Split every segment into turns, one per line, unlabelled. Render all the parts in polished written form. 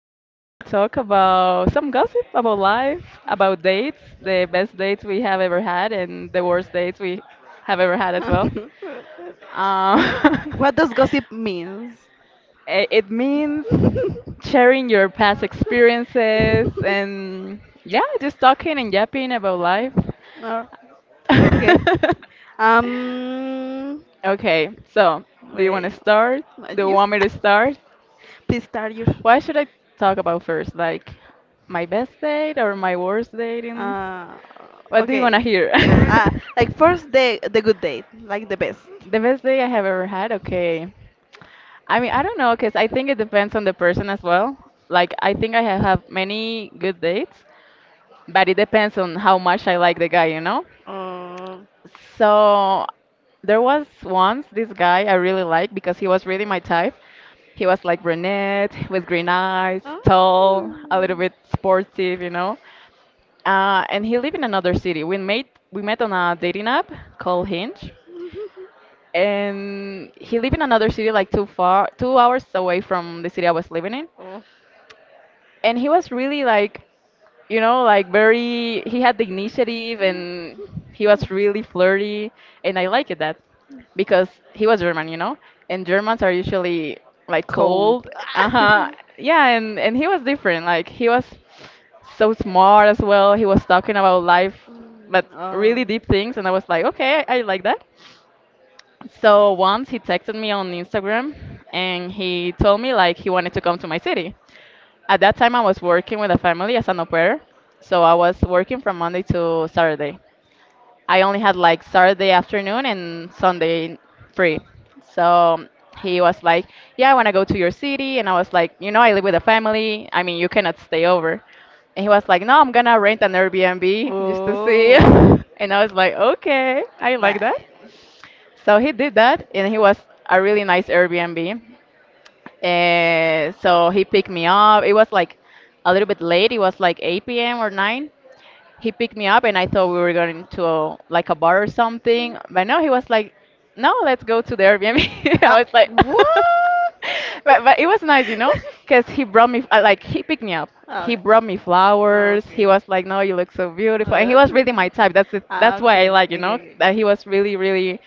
today we're gonna talk about some gossip about life, about dates, the best dates we have ever had, and the worst dates we have ever had as well. Um,
What does gossip means?
it means sharing your past experiences and yeah, just talking and yapping about life.
No. Okay. Um.
Okay, so do you want to
Wait.
start?
My
Do you
juice.
want me to start?
Please start your.
What should I talk about first? Like my best date or my worst date?
Uh.
What do you want to
Okay.
hear?
Ah. Like first day, the good date, like the best.
The best day I have ever had? Okay. I mean, I don't know, because I think it depends on the person as well. Like, I think I have had many good dates, but it depends on how much I like the guy, you know?
Uh,
So there was once this guy I really liked because he was really my type. He was like brunette with green eyes, tall, a little bit sportive, you know. And he lived in another city. We made we met on a dating app called Hinge, and he lived in another city like too far, 2 hours away from the city I was living in,
Oh,
and he was really like, you know, like very, he had the initiative, and he was really flirty, and I liked that because he was German, you know, and Germans are usually like
cold.
cold. Uh-huh. Yeah, and he was different. Like he was so smart as well. He was talking about life, but really
Mm,
deep things, and I was like, okay, I like that. So once he texted me on Instagram and he told me like he wanted to come to my city. At that time, I was working with a family as an au pair, so I was working from Monday to Saturday. I only had like
oh.
Saturday afternoon and Sunday free. So he was like, "Yeah, I want to go to your city," and I was like, "You know, I live with a family. I mean, you cannot stay over." And he was like, "No, I'm gonna rent an Airbnb just to see."
Oh,
And I was like, "Okay, I like that." So he did that, and he was a really nice Airbnb. So he picked me up. It was like a little bit late. It was like 8 p.m. or 9. He picked me up, and I thought we were going to like a bar or something. But no, he was
right.
like, "No, let's go to the Airbnb." I
Uh,
was like,
what?
but but it was nice, you know, because he brought me like, he picked me up. He
okay.
brought me flowers. He was like, "No, you look so beautiful," and
Okay.
he was really
Uh,
my type.
ah,
That's why I
okay.
like, you
Okay.
know,
Okay.
that he was really, really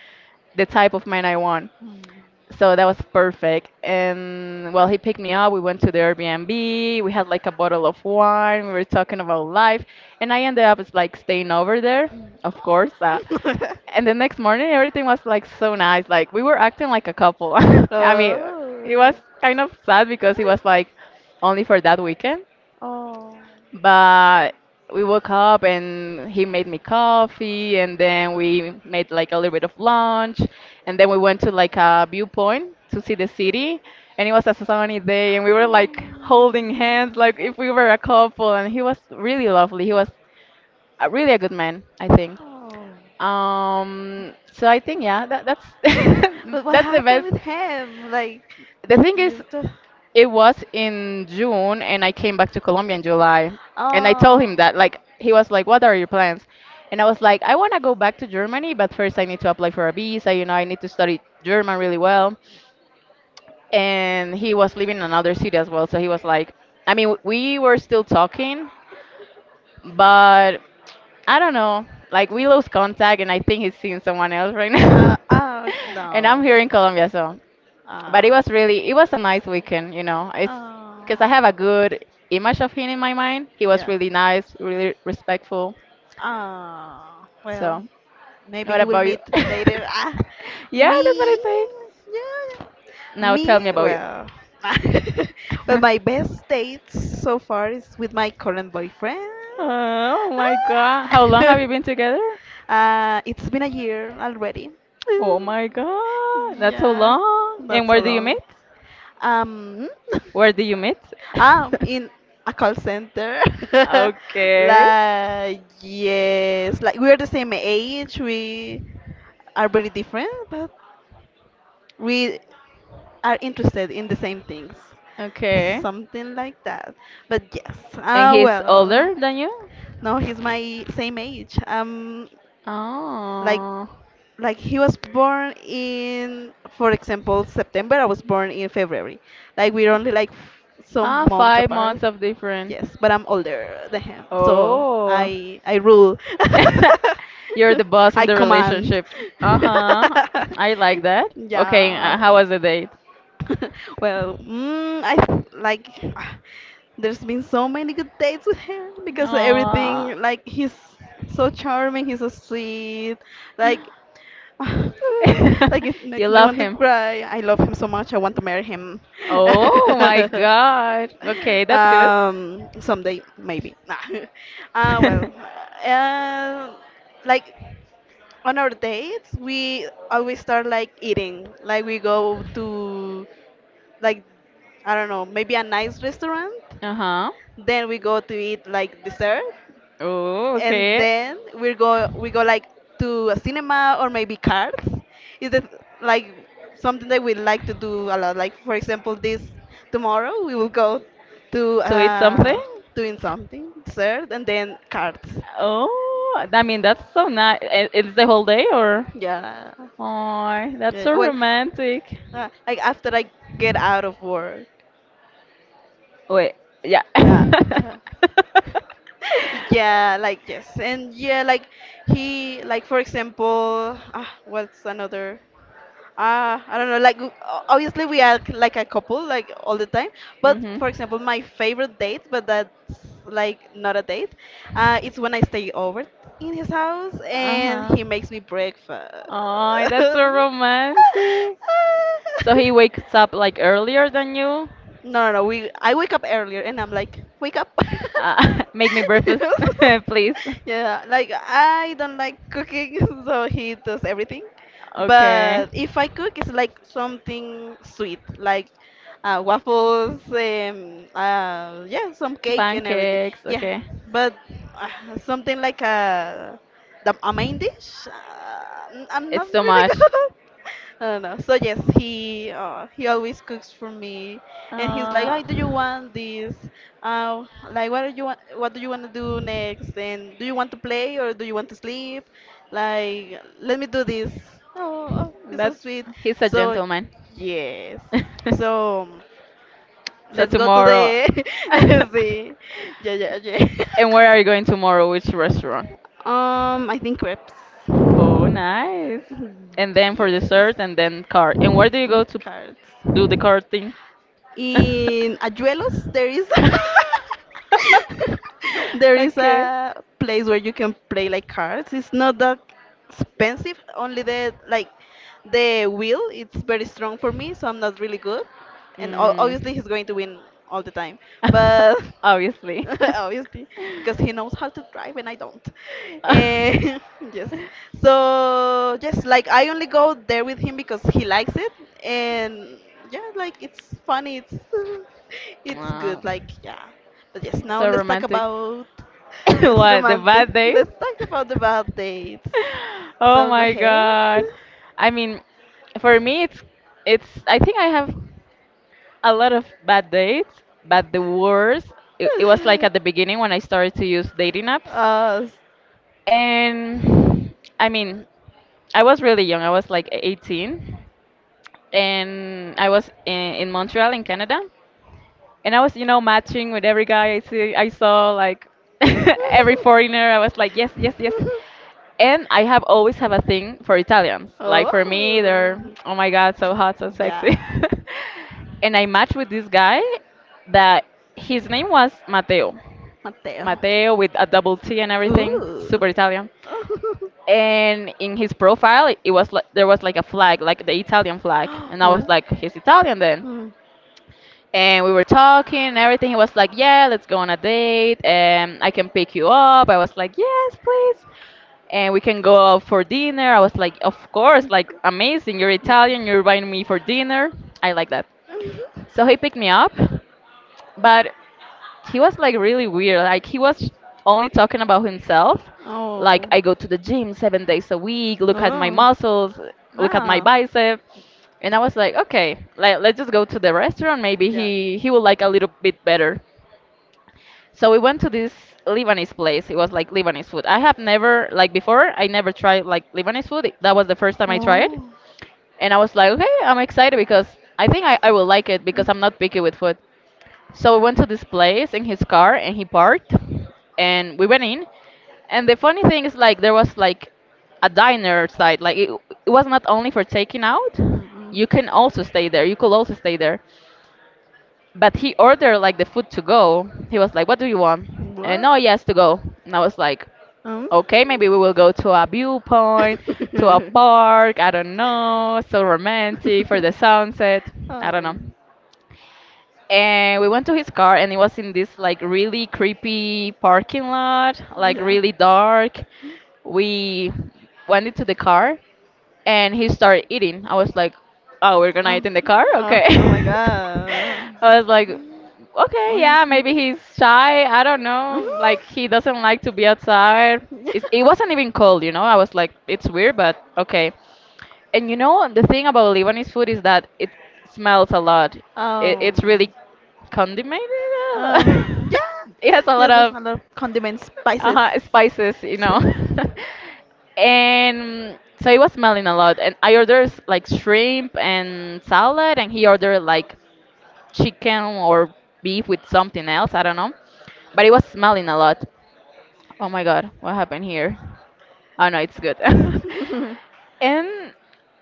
the type of man I want,
Hmm.
so that was perfect. And well, he picked me up. We went to the Airbnb. We had like a bottle of wine. We were talking about life, and I ended up just like staying over there,
Mm.
of course. And the next morning, everything was like so nice. Like we were acting like a couple. I mean,
oh.
it was kind of sad because it was like only for that weekend.
Oh.
But we woke up and he made me coffee, and then we made like a little bit of lunch, and then we went to like a viewpoint to see the city. And it was a sunny day, and we were like
Oh.
holding hands, like if we were a couple. And he was really lovely. He was really a good man, I think.
Oh!
So I think, yeah, that's
But what
that's the
happened
best.
with him? Like,
The
the,
thing is,
you still.
it was in June and I came back to Colombia in July. And I told
Oh.
him that, like, he was like, "What are your plans?" And I was like, "I want to go back to Germany, but first I need to apply for a visa, you know, I need to study German really well." And he was living in another city as well, so he was like, I mean, we were still talking, but I don't know. Like, we lost contact and I think he's seeing someone else right now.
Oh, okay,
And I'm
no.
here in Colombia, so but it
Oh.
was really, it was a nice weekend, you know. It's
Oh.
because I have a good image of him in my mind. He was
Yeah.
really nice, really respectful,
Oh. Well,
so
maybe
what
you will
about you?
meet later.
Yeah, that's what I
Me,
say.
yeah, yeah.
Now tell me
Me.
about you.
Well, well, my best dates so far is with my current boyfriend.
Oh my God, how long
Ah,
have you been together?
it's been a year already.
Oh my God, that's so
Yeah,
long. And
not
where
so
do you meet?
long. Um,
Where do you meet?
in a call center.
Okay.
like yes, like we're the same age. We are very different, but we are interested in the same things.
Okay.
Something like that. But yes.
And he's older
Well.
than you?
No, he's my same age. Like,
Oh.
like he was born in, for example, September. I was born in February. Like we're only like
Ah,
some months
five
apart.
months of different.
Yes, but I'm older than him, so
Oh,
I rule.
you're the boss in
I
the
command.
relationship. Uh huh. I like that. Okay,
yeah.
how was the date?
Well, like there's been so many good dates with him because
Aww.
everything like he's so charming, he's so sweet, like like it
You
makes me
love
want to
him.
cry. I love him so much. I want to marry him.
Oh my God. Okay, that's good.
Someday maybe. Nah. Well, uh, like on our dates we always start like eating. Like we go to like I don't know, maybe a nice restaurant.
Uh huh.
Then we go to eat like dessert,
Oh,
and
okay.
then we go like to a cinema or maybe cards. Is it like something that we like to do a lot? Like for example, this tomorrow we will go to
To eat something?
doing something dessert and then cards.
Oh, I mean, that's so nice. It's the whole day, or?
Yeah,
Oh, that's so
yeah. Well,
romantic.
like after I get out of work.
Wait, yeah.
Yeah. uh, Yeah, like yes, and yeah, like he, like for example, what's another? I don't know. Like obviously we are like a couple like all the time, but
Mhm.
for example, my favorite date, but that's like not a date. It's when I stay over in his house and
Uh-huh.
he makes me breakfast.
Oh, that's so romantic. So he wakes up like earlier than you.
No, no, no. We I wake up earlier and I'm like, wake up.
Make me breakfast, please.
Yeah, like I don't like cooking, so he does everything.
Okay.
But if I cook, it's like something sweet, like waffles, yeah, some cake and everything.
Pancakes.
Yeah,
Okay.
but uh, something like a main dish. I'm not
It's too
really
much.
good. I don't know. So yes, he always cooks for me, and he's like, "I
Uh,
do you want this? Uh, like, what do you want? What do you want to do next? And do you want to play or do you want to sleep? Like, let me do this." Oh, oh, he's so
that's
sweet.
he's a
So
gentleman.
yes. So
So
let's go to
tomorrow.
the see. Yeah, yeah, yeah.
And where are you going tomorrow? Which restaurant?
I think crepes.
Oh, nice. And then for
Yes.
dessert, and then car. And where do you go
Mm,
to
cards.
do the car thing?
In Ayuelos, there is there is
Okay.
a place where you can play like cards. It's not that expensive. Only the wheel. It's very strong for me, so I'm not really good. And obviously,
Mm.
he's going to win all the time. But
Obviously.
obviously, because he knows how to drive and I don't. Eh, yes. So yes, like I only go there with him because he likes it, and yeah, like it's funny. It's it's
Wow,
good. Like yeah. But yes,
it's
now
so
let's talk
romantic.
about yes,
What, the
romantic.
bad days?
Let's talk about the bad dates.
Oh
So go
my
ahead.
God. I mean, for me, it's I think I have a lot of bad dates, but the worst, it was like at the beginning when I started to use dating apps.
Uh,
And I mean, I was really young. I was like 18, and I was in Montreal in Canada, and I was, you know, matching with every guy I see. I saw like every foreigner. I was like, yes, yes, yes. And I have always have a thing for Italians. Like, for me, they're,
oh,
oh my God, so hot, so sexy.
yeah,
And I matched with this guy that his name was Matteo.
Mateo.
Matteo with a double T and everything,
Ooh.
super Italian. And in his profile, it was like there was like a flag, like the Italian flag, and I was
oh.
like, he's Italian then,
Mm.
and we were talking and everything. He was like, "Yeah, let's go on a date, and I can pick you up." I was like, "Yes, please." And we can go out for dinner. I was like, "Of course, like amazing. You're
Mm.
Italian. You're inviting me for dinner. I like that." So he picked me up, but he was like really weird. Like he was only talking about himself. Like,
Oh.
I go to the gym 7 days a week. Look at my
Oh. No.
muscles. Look at my
No.
bicep. And I was like, okay, let's just go to the restaurant. Maybe
Yeah.
he will like a little bit better. So we went to this Lebanese place. It was like Lebanese food. I have never like before. I never tried like Lebanese food. That was the first time
Oh.
I tried.
Mm.
And I was like, okay, I'm excited because I think I will like it because I'm not picky with food. So we went to this place in his car and he parked and we went in. And the funny thing is, like, there was like a diner side. It was not only for taking out.
Mm-mm.
You can also stay there. You could also stay there. But he ordered like the food to go. He was like, "What do you want?" And no, yes, to go. And I was like,
Um?
"Okay, maybe we will go to a viewpoint, to
oh
a park. I don't know. So romantic for the sunset. I don't
my.
know."
god!
And we went to his car and it was in this like really creepy parking lot, like
Yeah.
really dark. We went into the car and he started eating. I was like, oh, we're gonna eat
Oh,
in the car,
oh, oh my
okay.
god.
I was like, okay,
Oh.
yeah,
Mhm.
maybe he's shy, I don't know, like he doesn't like to be outside. It wasn't even cold, you know. I was like, it's weird, but okay. And, you know, the thing about Lebanese food is that it smells a lot. It's really
um,
condimented.
yeah.
It has a lot
Yes, there's a
of
lot of condiments, spices,
spices, you know.
spices.
And so it was smelling a lot. And I ordered like shrimp and salad, and he ordered like chicken or beef with something else. I don't know. But it was smelling a lot. Oh my God, what happened here? Oh no, it's good. And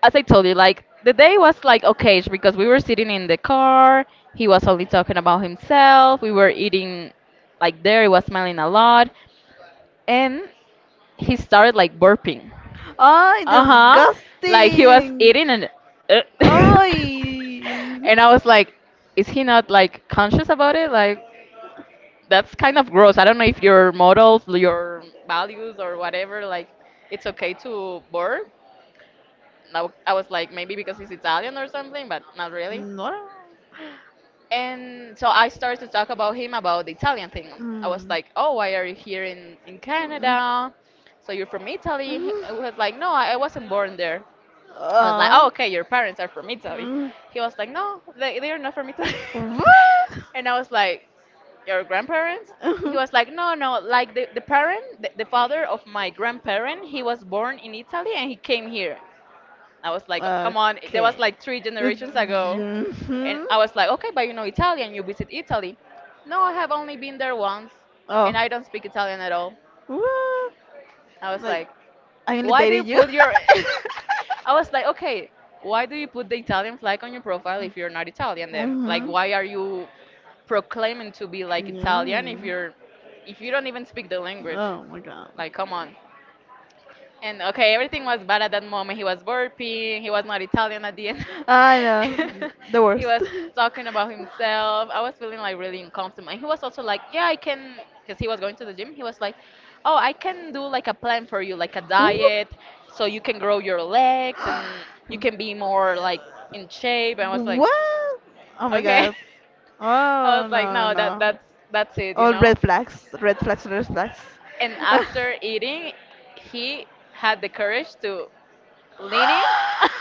as I told you, like the day was like okay because we were sitting in the car. He was only talking about himself. We were eating like there. He was smiling a lot, and he started like burping.
Ay,
Uh huh. Like he was
disgusting.
eating and. Uh,
Ay.
and I was like, is he not like conscious about it? Like that's kind of gross. I don't know if your morals, your values, or whatever, like it's okay to burp. Now I was like maybe because he's Italian or something, but not really.
No.
And so I started to talk about him about the Italian thing. I was
Mm.
like, "Oh, why are you here in Canada? So you're from Italy?" He
Mm.
I was like, "No, I wasn't born there." I was like, "Oh,
Uh.
okay, your parents are from Italy."
Mm.
He was like, "No, they are not from Italy."
What?
and I was like, "Your grandparents?" He was like, "No, no, like the parent, the father of my grandparent, he was born in Italy and he came here." I was like, come on, there
okay.
was like three generations ago. And
Mhm.
I was like, okay, but you know Italian, you visit Italy. No, I have only been there once,
Oh.
and I don't speak Italian at all.
What?
I was
Like,
like,
I only
why do you
dated you?
put your. I was like, okay, why do you put the Italian flag on your profile if you're not Italian then? Like,
Mhm.
why are you proclaiming to be like Italian if
Yeah.
you're. If you don't even speak the language?
Oh my god.
Like, come on. And okay, everything was bad at that moment. He was burping. He was not Italian at the end.
I know. The
he
worst.
was talking about himself. I was feeling like really uncomfortable. And he was also like, yeah, I can, because he was going to the gym. He was like, oh, I can do like a plan for you, like a
Ooh.
diet, so you can grow your legs and you can be more like in shape. And I was like,
What? Oh my
okay.
god.
I
Oh
was like,
no no
no, that
no.
that's that's it, you
All
know.
red flags. Red flags, red flags.
And after eating, he had the courage to leaning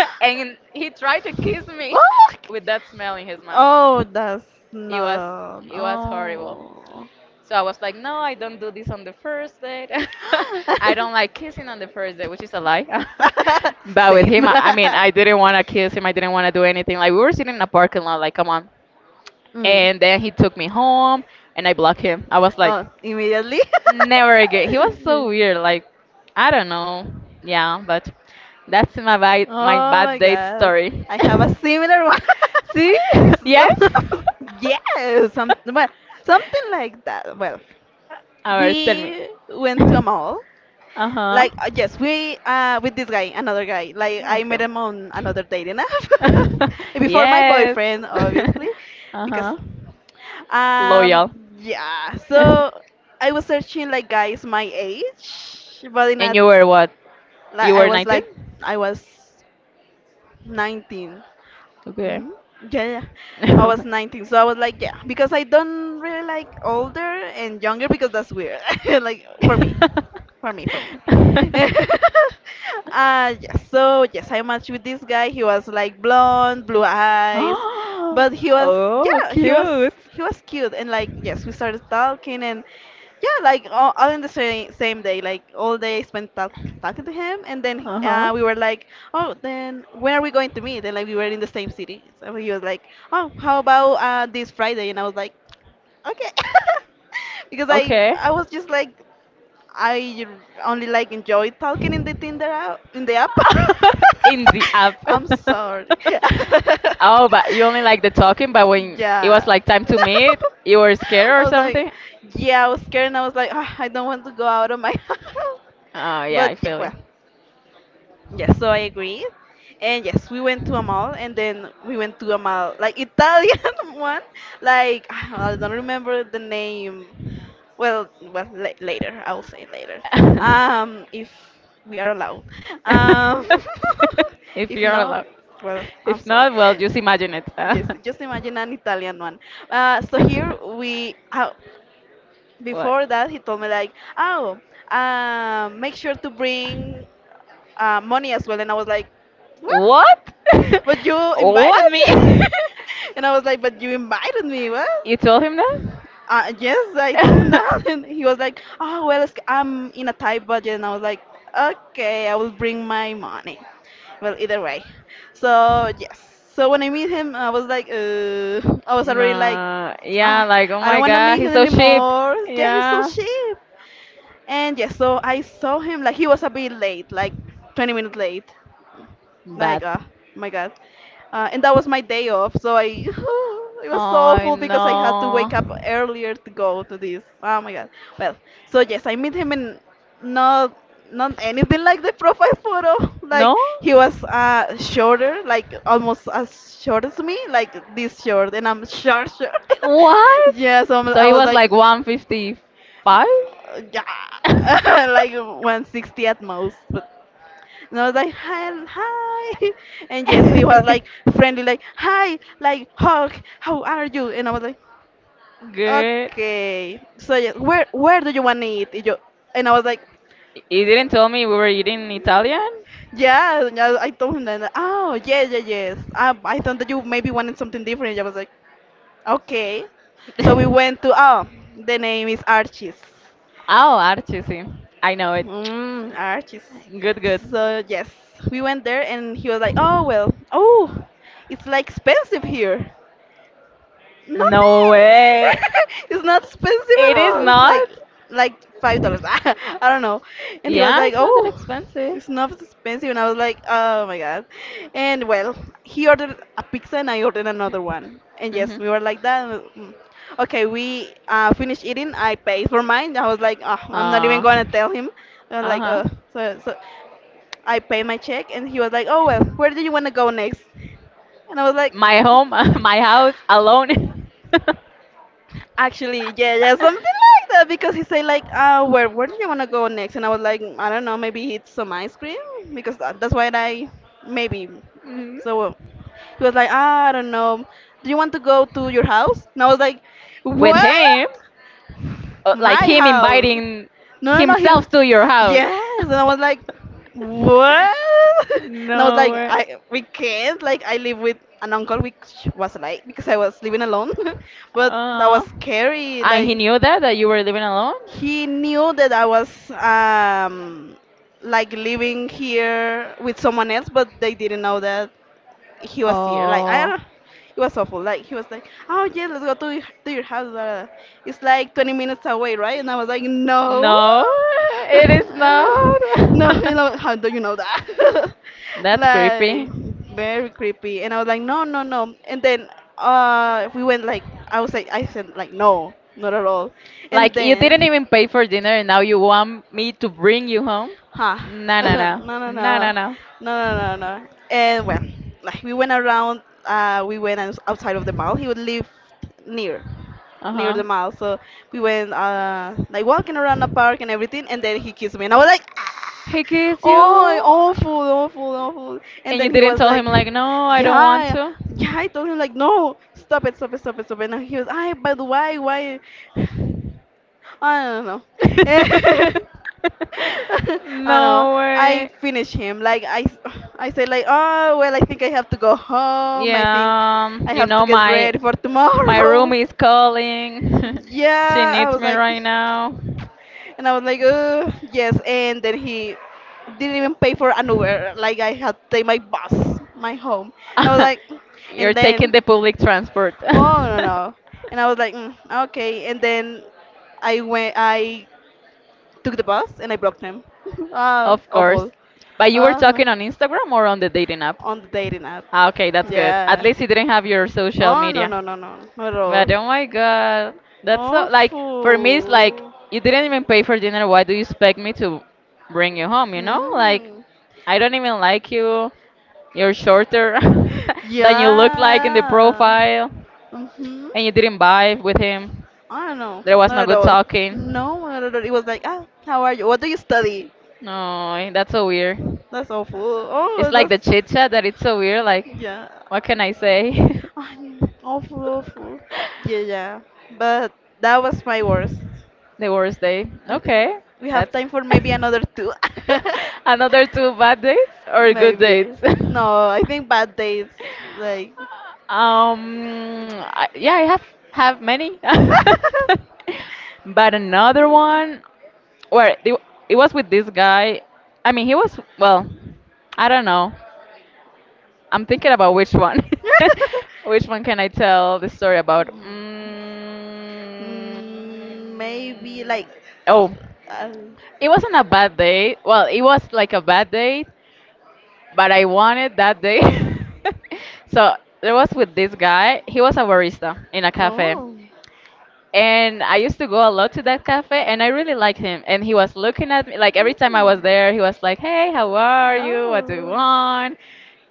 and he tried to kiss me with that smell in his mouth. No,
Oh, that's
it was
not.
it was horrible.
Oh.
So I was like, no, I don't do this on the first date. I don't like kissing on the first date, which is a lie. but with
Same.
him, I mean, I didn't want to kiss him. I didn't want to do anything. Like we were sitting in a parking lot, like come on.
Mm.
And then he took me home, and I blocked him. I was like,
Oh, immediately?
never again. He was so weird. Like, I don't know. Yeah, but that's my bad, my
Oh
bad
my
date
god.
story.
I have a similar one.
See?
So-
Yes?
yes, some, well, something like that. Well,
Alright, tell me.
we went to a mall.
Uh-huh.
Like yes, we with this guy, another guy. Like I
Okay.
met him on another dating app before my
Yes.
boyfriend, obviously, because
Uh-huh.
um
Loyal.
yeah.
And
So I was searching like guys my age, but in a
you were what? You
like I
were
was
19?
like I was 19.
Okay.
Hmm? Yeah, yeah. I was 19, so I was like, yeah, because I don't really like older and younger because that's weird, like for me. For me, for me. uh, yes, so yes, I matched with this guy. He was like blonde, blue eyes, but he was
Oh,
yeah, he was
cute.
he was cute and like yes, we started talking and yeah, like all in the same day, like all day I spent talking to him and then
Uh-huh.
we were like, oh, then when are we going to meet? And like we were in the same city, so he was like, oh, how about this Friday? And I was like, okay. because I
Okay.
I was just like I only like enjoy talking in the Tinder app, in the app.
In the app.
I'm sorry.
Oh, but you only like the talking, but when it was
yeah.
like time to meet,
No.
you were scared
I
or
was like,
something?
yeah, I was scared and I was like, I don't want to go out of my house.
Oh, yeah, I
But yeah,
feel you.
well, yes, so I agree. And yes, we went to a mall and then we went to a mall, like Italian one. Like, I don't remember the name. Well, la later. I will say later. If we are allowed. Um,
If
if
you're
not,
allowed.
well, I'm
If
sorry.
not, well, just imagine it.
Yes, just imagine an Italian one. So here we,
What?
before that, he told me like, oh, make sure to bring money as well, and I was like, what?
What?
But you invited
What?
me, and I was like, but you invited me, what?
You told him
Yes, I told him
that?
that, and he was like, "Oh well, it's, I'm in a tight budget," and I was like, "Okay, I will bring my money." Well, either way, so yes. So when I meet him, I was like, I was already like,
Nah, yeah,
ah,
like oh
I don't
my
want to
god,
meet
he's
him
so cheap.
anymore. Yeah, he's so
Yeah,
cheap. And yes, so I saw him like he was a bit late, like 20 minutes late. Like,
bad.
oh my God. And that was my day off, so I it was so
Oh
awful because I had to
no,
wake up earlier to go to this. Oh my God. Well, so yes, I meet him in not not anything like the profile photo.
no,
Like he was shorter, like almost as short as me, like this short, and I'm short short.
what?
yeah, so I'm,
So
I
he
was
was like
like,
155.
yeah, like 160 at most. But and I was like, hi, hi. And yes, he was like friendly, like, hi, like, hug, how are you? And I was like,
Good.
okay. So yes, where do you want to eat? And, yo, and I was like,
You didn't tell me we were eating Italian.
yeah. And I told him that, oh, yeah, yeah, yes. I thought that you maybe wanted something different. And I was like, okay. So we
oh,
went to, oh, the name is Archie's.
Archie, sí. I know it.
Mm, Archie's.
Good, good.
So yes, we went there and he was like, "Oh well, oh, it's like expensive here." Nothing.
No way.
it's not expensive
It
at
is
all.
not.
Like $5. I don't know. And he was
Yeah,
like,
it's not that
oh,
expensive.
it's not expensive. And I was like, oh my god. And well, he ordered a pizza and I ordered another one. And yes,
Mhm.
we were like that. Mm. Okay, we finished eating. I paid for mine. I was like, oh, I'm not even
Uh,
going to tell him. I was like,
uh-huh.
oh, so. I paid my check and he was like, oh well, where do you want to go next? And I was like.
My home, my house alone.
Actually, yeah, yeah, something like that because he said like, where do you want to go next? And I was like, I don't know, maybe eat some ice cream because that's why I maybe.
Mhm.
So he was like, I don't know. Do you want to go to your house? And I was like,
With
what?
him, like
My
him
house?
inviting
No, no, no. He,
himself to your house.
yes. And I was like, what? And I was
No
like,
way.
I we can't. Like I live with an uncle, which was like because I was living alone, but that
Uh-huh.
was scary.
And he
Like
knew that you were living alone?
he knew that I was like living here with someone else, but they didn't know that he was here. Like I
Oh.
don't, it was awful. Like he was like, "Oh yeah, let's go to to your house. It's like 20 minutes away, right?" And I was like, "No."
No, it is
No,
not.
how do you know that?
That's
Like
creepy.
very creepy. And I was like, no, no, no. And then we went like I was like I said like no, not at all. And
Like you didn't
then
even pay for dinner and now you want me to bring you home?
huh.
No, no,
No,
no.
no, no,
No, no,
no,
no.
no, no, no. And well, like we went around. We went outside of the mall. He would live near, near the
Uh-huh.
mall. So we went like walking around the park and everything. And then he kissed me, and I was like,
He kissed
oh,
you,
awful, awful, awful. And
and you
then he
didn't
was
tell him
like,
like, no, I don't want
yeah,
to.
yeah. I told him like, no, stop it, stop it, stop it, stop it. And he was, but why, why? I don't know. I know.
no
I
way.
finish him. Like I say like, oh well, I think I have to go home. I think
Yeah,
I
you
have to
know
get
my
ready for
my room
tomorrow.
is calling. she
Yeah, I
needs
was
me
like,
right now.
and I was like, yes. And then he didn't even pay for an Uber. Like I had to take my bus, my home. And I was like,
You're
and
taking
then
the public transport.
oh no no. And I was like, mm, okay. And then I went. I took the bus and I blocked him. Ah,
of course.
awful.
But you were
Ah, no.
talking on Instagram or on the dating app?
On the dating app.
Ah, okay, that's good. At
Yeah.
least you didn't have your social
Oh, no,
media.
no, no, no. Not at all.
But oh my god, that's so like for me it's like
Awful.
you didn't even pay for dinner. Why do you expect me to bring you home? You know, like
Mm.
I don't even like you. You're shorter than you look like in the
Yeah.
profile,
Mm-hmm.
and you didn't vibe with him.
I don't know.
There was
Not
no
at
good
all.
talking.
No, not at all. It was like, ah, how are you? What do you study?
No, that's so weird.
That's awful.
It's
Oh,
like
that's,
the chit chat that it's so weird. Like,
yeah.
what can I say?
I'm awful, awful. Yeah, yeah. But that was my worst.
the worst day.
I think
Okay,
we have
that's.
time for maybe another two.
Another two bad dates or good
Maybe.
dates?
No, I think bad dates. Like.
um, I, yeah, I have many, but another one where it was with this guy. I mean, he was well. I don't know. I'm thinking about which one. which one can I tell the story about? Mm,
Mm, maybe like.
oh,
Uh,
it wasn't a bad day. Well, it was like a bad day, but I won it that day. so there was with this guy. He was a barista in a cafe.
oh.
And I used to go a lot to that cafe and I really liked him. And he was looking at me like every time I was there,
Mm.
he was like, hey, how are you? What do you want?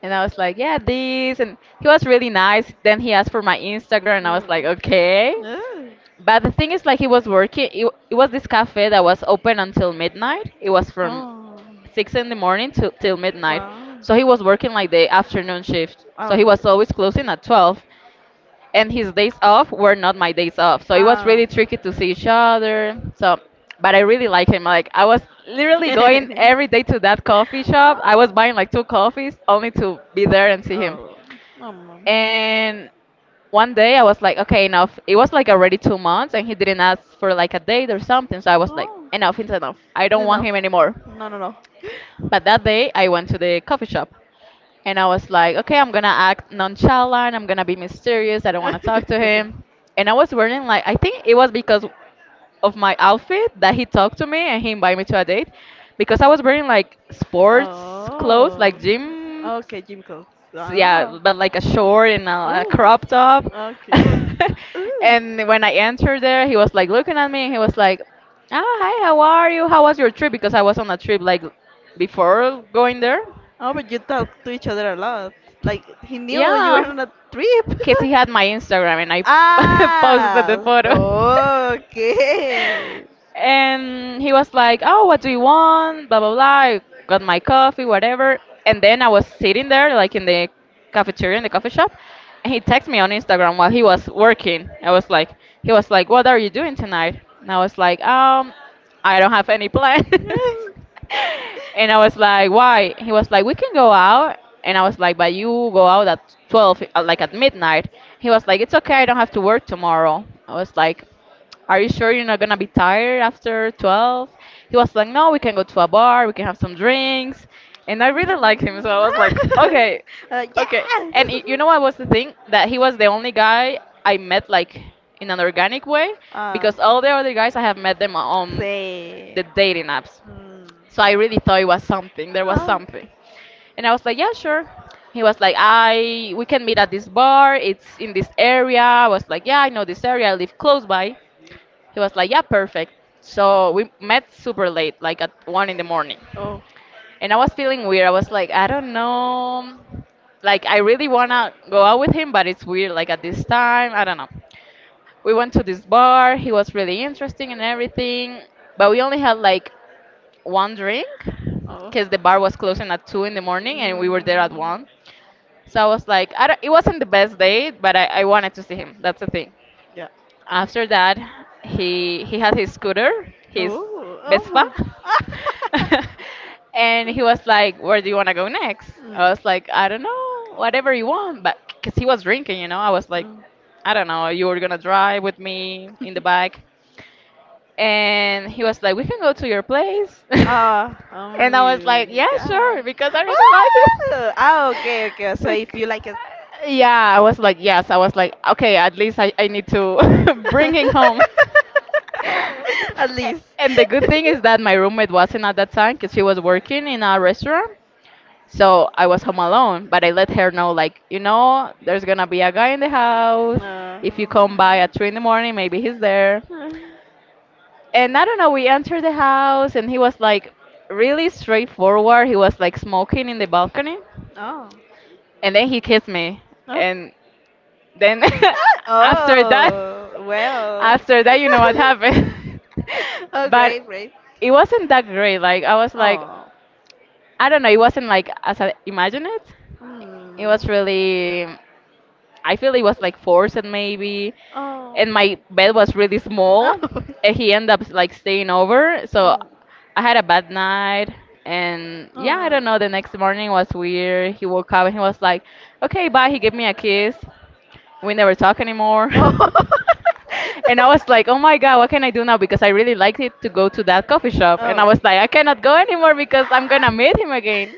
And I was like, yeah, this and he was really nice. Then he asked for my Instagram and I was
Oh.
like, okay.
Mm. Yeah.
But the thing is, like, he was working. It was this cafe that was open until midnight. It was from
Oh,
6 in the morning to till midnight.
wow.
So he was working like the afternoon shift.
Oh,
So he
okay.
was always closing at 12, and his days off were not my days off. So it was
Oh.
really tricky to see each other. So, but I really like him. Like I was literally going every day to that coffee shop. I was
Oh.
buying like two coffees only to be there and see him.
Oh. Oh. No.
And one day I was like, okay, enough. It was like already 2 months, and he didn't ask for like a date or something. So I was like,
Oh.
enough, it's enough. I don't want
No.
him anymore.
No, no, no.
But that day I went to the coffee shop, and I was like, okay, I'm gonna act nonchalant. I'm gonna be mysterious. I don't want to talk to him. And I was wearing like I think it was because of my outfit that he talked to me and he invited me to a date, because I was wearing like sports clothes,
Oh.
like gym
Okay, gym clothes.
so, yeah,
Oh.
but like a short and a
Oh.
crop top.
Okay. Ooh.
and when I entered there, he was like looking at me and he was like, "Ah, hi, how are you? How was your trip?" Because I was on a trip like before going there.
Oh, but you talk to each other a lot. Like he knew you were
Yeah,
on a trip.
because he had my Instagram and I posted the
Ah,
photo.
okay.
And he was like, "Oh, what do you want?" Blah blah blah. I got my coffee, whatever. And then I was sitting there, like in the cafeteria in the coffee shop, and he texted me on Instagram while he was working. I was like, he was like, "What are you doing tonight?" And I was like, I don't have any plans." and I was like, "Why?" He was like, "We can go out." And I was like, "But you go out at 12, like at midnight." He was like, "It's okay. I don't have to work tomorrow." I was like. Are you sure you're not gonna be tired after 12? He was like, no, we can go to a bar, we can have some drinks. And I really liked him, so I was like, okay,
uh,
okay.
yeah.
And you know what was the thing? That he was the only guy I met like in an organic way
Ah.
because all the other guys I have met them on
Sí.
the dating apps.
Mm.
So I really thought it was something, there was
Ah.
something. And I was like, yeah, sure. He was like, I we can meet at this bar. It's in this area. I was like, yeah, I know this area. I live close by. He was like, yeah, perfect. So we met super late, like at 1 in the morning.
Oh.
And I was feeling weird. I was like, I don't know. Like, I really want to go out with him, but it's weird, like at this time. I don't know. We went to this bar. He was really interesting and everything. But we only had like one drink
Oh.
because the bar was closing at 2 in the morning and we were there at
Mm.
1. So I was like, I don't, it wasn't the best date, but I wanted to see him. That's the thing.
Yeah.
After that, he had his scooter, his
Oh. Oh.
Vespa,
My.
and he was like, "Where do you want to go next?"
Mm.
I was like, "I don't know, whatever you want," but because he was drinking, I was like,
Mm.
"I don't know, you were gonna drive with me in the back," and he was like, "We can go to your place,"
Ah. Oh
and I was
my
like, "Yeah,
God.
sure," because I really like it.
Oh. Ah. Okay. Okay. So if you
Like,
like it.
yeah, I was like, yes, I was like, okay, at least I need to bring him home.
At
A-
least.
And the good thing is that my roommate wasn't at that time because she was working in a restaurant. So I was home alone, but I let her know, like, there's gonna be a guy in the house.
Uh,
If you come by at three in the morning, maybe he's there.
uh,
And I don't know, we entered the house and he was like really straightforward. He was like smoking in the balcony.
oh.
And then he kissed me.
Oh.
And then after that,
Oh, well.
after that, you know what happened.
Oh,
But
great, great.
it wasn't that great. Like I was like,
Oh.
I don't know. It wasn't like as I imagined it. It
Hmm.
was really. I feel it was like forced maybe,
Oh.
and my bed was really
Oh.
small.
Oh. Oh.
And he ended up like staying over, so
Oh.
I had a bad night. And yeah, I don't know. The next morning was weird. He woke up and he was like, "Okay, bye." He gave me a kiss, we never talk anymore. And I was like, oh my God, what can I do now? Because I really liked it to go to that coffee shop. And I
Oh.
was like, I cannot go anymore because I'm going to meet him again.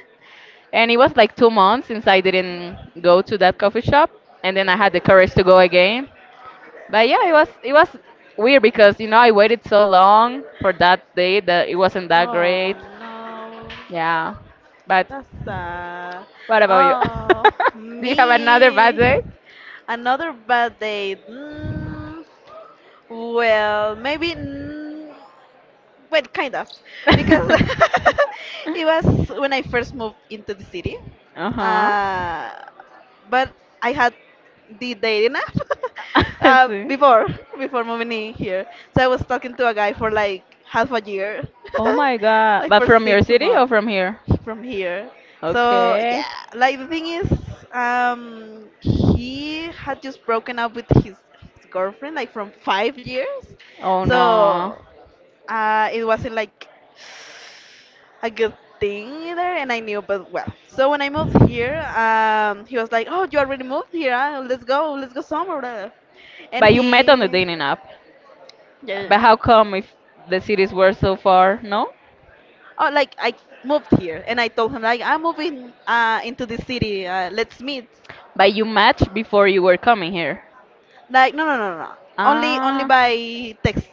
And it was like 2 months since I didn't go to that coffee shop. And then I had the courage to go again. But yeah, it was weird because you know I waited so long for that day that it wasn't that
Oh
great.
no.
Yeah. But
That's sad.
what about you?
Oh,
Do you have another bad day?
me. Another bad day. Mm, well, maybe. But kind of, because it was when I first moved into the city.
Uh-huh.
Uh, but I had the dating app
I
uh,
see.
before before moving in here. So I was talking to a guy for like half a year,
Oh my god.
like
But
for
from your
six
city or
months
from here?
from here. So
Okay.
yeah, like the thing is, he had just broken up with his girlfriend like from 5 years.
Oh no.
So it wasn't like a good thing either, and I knew, but well. So when I moved here, he was like, "Oh, you already moved here? Huh? Let's go somewhere, blah, blah." And
But you met on the
he,
dating app.
yeah, yeah, yeah.
But how come if the cities were so far? No?
Oh, like I moved here, and I told him like, "I'm moving into the city. Let's meet."
But you matched before you were coming here.
Like, no, no, no, no, no. Only
Ah.
by text.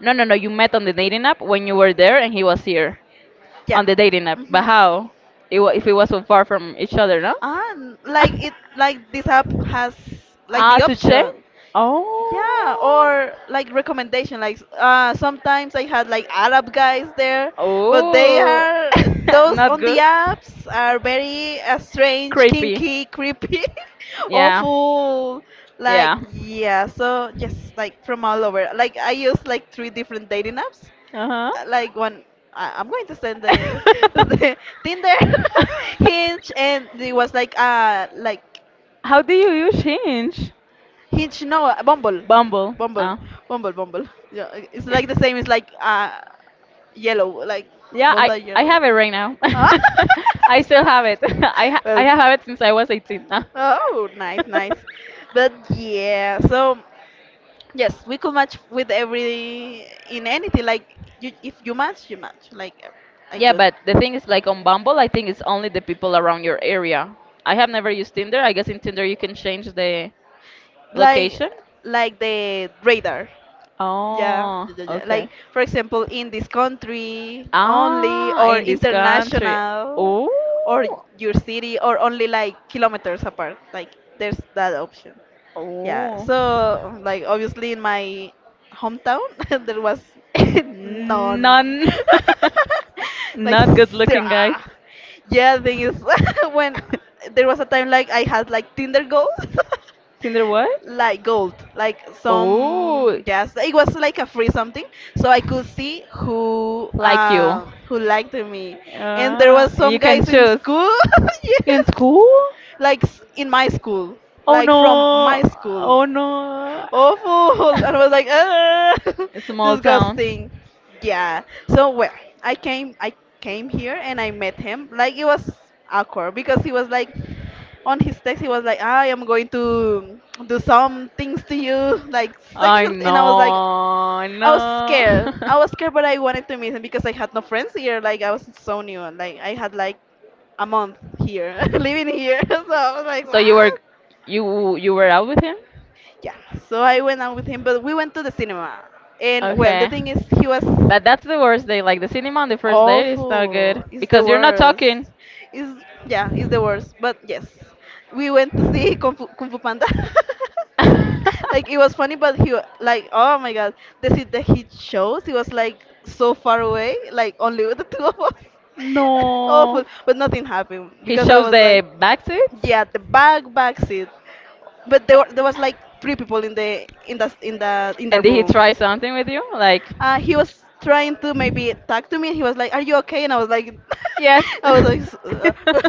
No, no, no. You met on the dating app when you were there and he was here
Yeah.
on the dating app. But
Mm-hmm.
how? If it was so far from each other, no?
Ah, like like this app has like
Ah,
the
to check?
option.
Oh.
Yeah, or like recommendation. Like sometimes I had like Arab guys there, but they
Oh.
are those
Not
on the
good.
apps are very strange,
Creepy.
kinky, creepy,
Yeah.
awful. Like
Yeah.
yeah, so yes, like from all over. Like I use like three different dating apps.
Uh huh.
Like one, I'm going to send the, the Tinder, Hinge, and it was like
How do you use Hinge?
Hinge, no, Bumble.
Bumble.
Bumble. Bumble. Yeah, it's like the same, it's like yellow, like
Yeah,
both
I,
are
I
yellow.
have it right now.
Ah!
I still have it. I
Well,
have it since I was 18.
oh, nice,
Uh.
nice. But yeah, so yes, we could match with every in anything. Like you, if you match, you match. Like I
Yeah,
good.
but the thing is, like on Bumble, I think it's only the people around your area. I have never used Tinder. I guess in Tinder you can change the
Like
location.
like the radar. Yeah,
Oh,
yeah, yeah, yeah. Like,
okay.
for example, in this country only,
Ah,
or
in this country.
international, or
Oh,
your city, or only like kilometers apart. Like, there's that option. Yeah.
oh.
So, like, obviously, in my hometown, there was none.
None.
Like,
Not good
zero.
looking guys.
Yeah, thing is, when there was a time like I had like Tinder goals.
Tinder what?
Like gold, like some
Oh,
yes, it was like a free something, so I could see who
like you.
um who liked me, and there was
You
some
can
guys in
choose.
school,
In
yes,
school?
like in my school,
Oh
like from
no.
my school,
Oh no.
awful, and I was like, ah,
A small town.
disgusting, yeah. So well, I came here and I met him, like it was awkward because he was like on his text he was like, I am going to do some things to you like
I
sexual, and I was like,
know.
i was scared i
No.
was scared but I wanted to meet him because I had no friends here, like I was so new, like I had like a month here living here so I was like
So you were
what.
you were out with him?
Yeah, so I went out with him but we went to the cinema and well the
Okay.
thing is he was
But that's the worst day. Like the cinema on the first date is not good
awful. It's the
because you're not
worst.
talking.
It's yeah, it's the worst. But yes, we went to see Kung Fu Panda. Like it was funny, but like oh my god, the seat that he chose, he was like so far away, like only with the two of us.
No.
Awful, but nothing happened
He
because I
shows
was
the
like,
back seats,
yeah, the back seat. But there was like three people in the
and did he
room.
try something with you? Like,
He was trying to maybe talk to me, and he was like, "Are you okay?" And I was like,
yes.
I was like, "S- uh."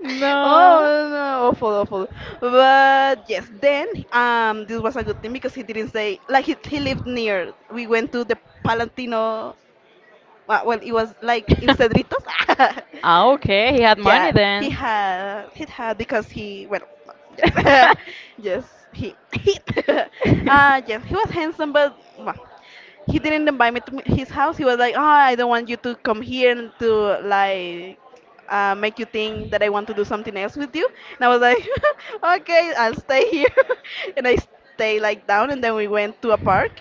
No.
"Oh no, awful, awful." But yes, then this was a good thing because he didn't say like he lived near. We went to the Palatino, well, it was like in Cedritos.
Ah, okay. He had money
Yeah, he
then.
had he had because he well
Uh
yes yes he he yes he was handsome but well, he didn't invite me to his house. He was like, oh, I don't want you to come here and to like make you think that I want to do something else with you. And I was like, okay, I'll stay here. And I stay like down, and then we went to a park.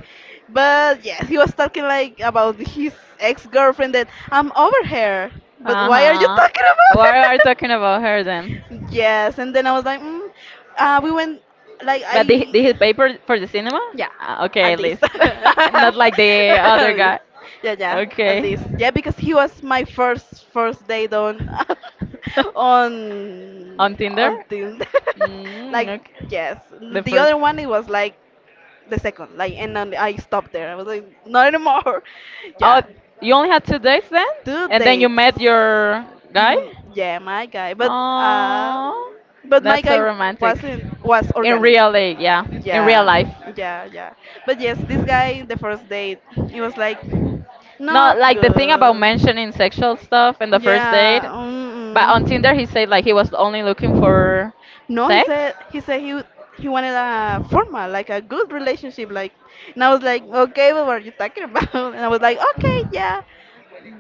But yes, he was talking like about his ex-girlfriend that I'm over her. But why are you
huh.
talking about
What are you
her?
talking about her then?
Yes, and then I was like, mm, we went like
But they
I
they had paper for the cinema?
yeah,
Ah, okay,
at
at
least.
least. Not like the
At
other
least.
guy.
Yeah, yeah, at
Okay.
least. Yeah, because he was my first date on on
On Tinder?
on Tinder.
Mm,
Like,
okay.
yes.
The
The
first.
other one it was like the second, like and then I stopped there. I was like, not anymore.
Oh,
Yeah.
you only had two dates then?
Two
And then you
dates.
met your guy?
Mm, yeah, my guy.
Oh,
But my
that's so
guy
romantic.
wasn't was
In
organic.
real life, yeah. In real
Yeah,
life.
yeah, yeah. But yes, this guy, the first date, it was like
No,
not
like the thing about
good.
mentioning sexual stuff in the first date,
Yeah.
but on Tinder he
Mm-mm.
said like he was only looking for
No, he
sex.
said he said he he wanted a formal, like a good relationship, like. And I was like, okay, but what are you talking about? And I was like, okay, yeah.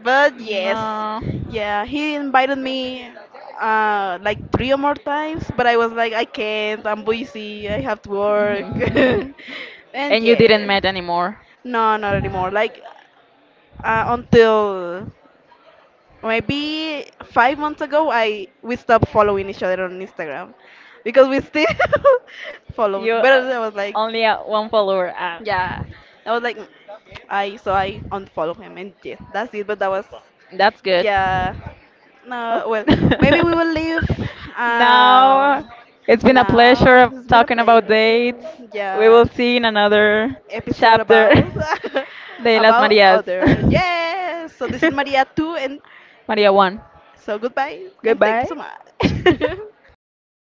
But yes,
No.
yeah, he invited me like three or more times, but I was like, I can't. I'm busy. I have to work. And
And you didn't
yeah.
met anymore.
No, not anymore. Like until maybe 5 months ago, I we stopped following each other on Instagram because we still followed.
You
But I was like,
only one follower. Ah,
yeah, I was like, "Mm, I so I unfollow him and yeah, that's it. But that was
that's good.
yeah,
Oh.
no. Well, maybe we will leave.
Now
Um,
it's been a pleasure
now
of
it's been a
talking about
pleasure.
dates. We will
Yeah,
see in another
episode
chapter
about
de las
about
Marías.
other. Yes. So this is Maria too, and
Maria won.
so goodbye and thank you
Goodbye.
so much.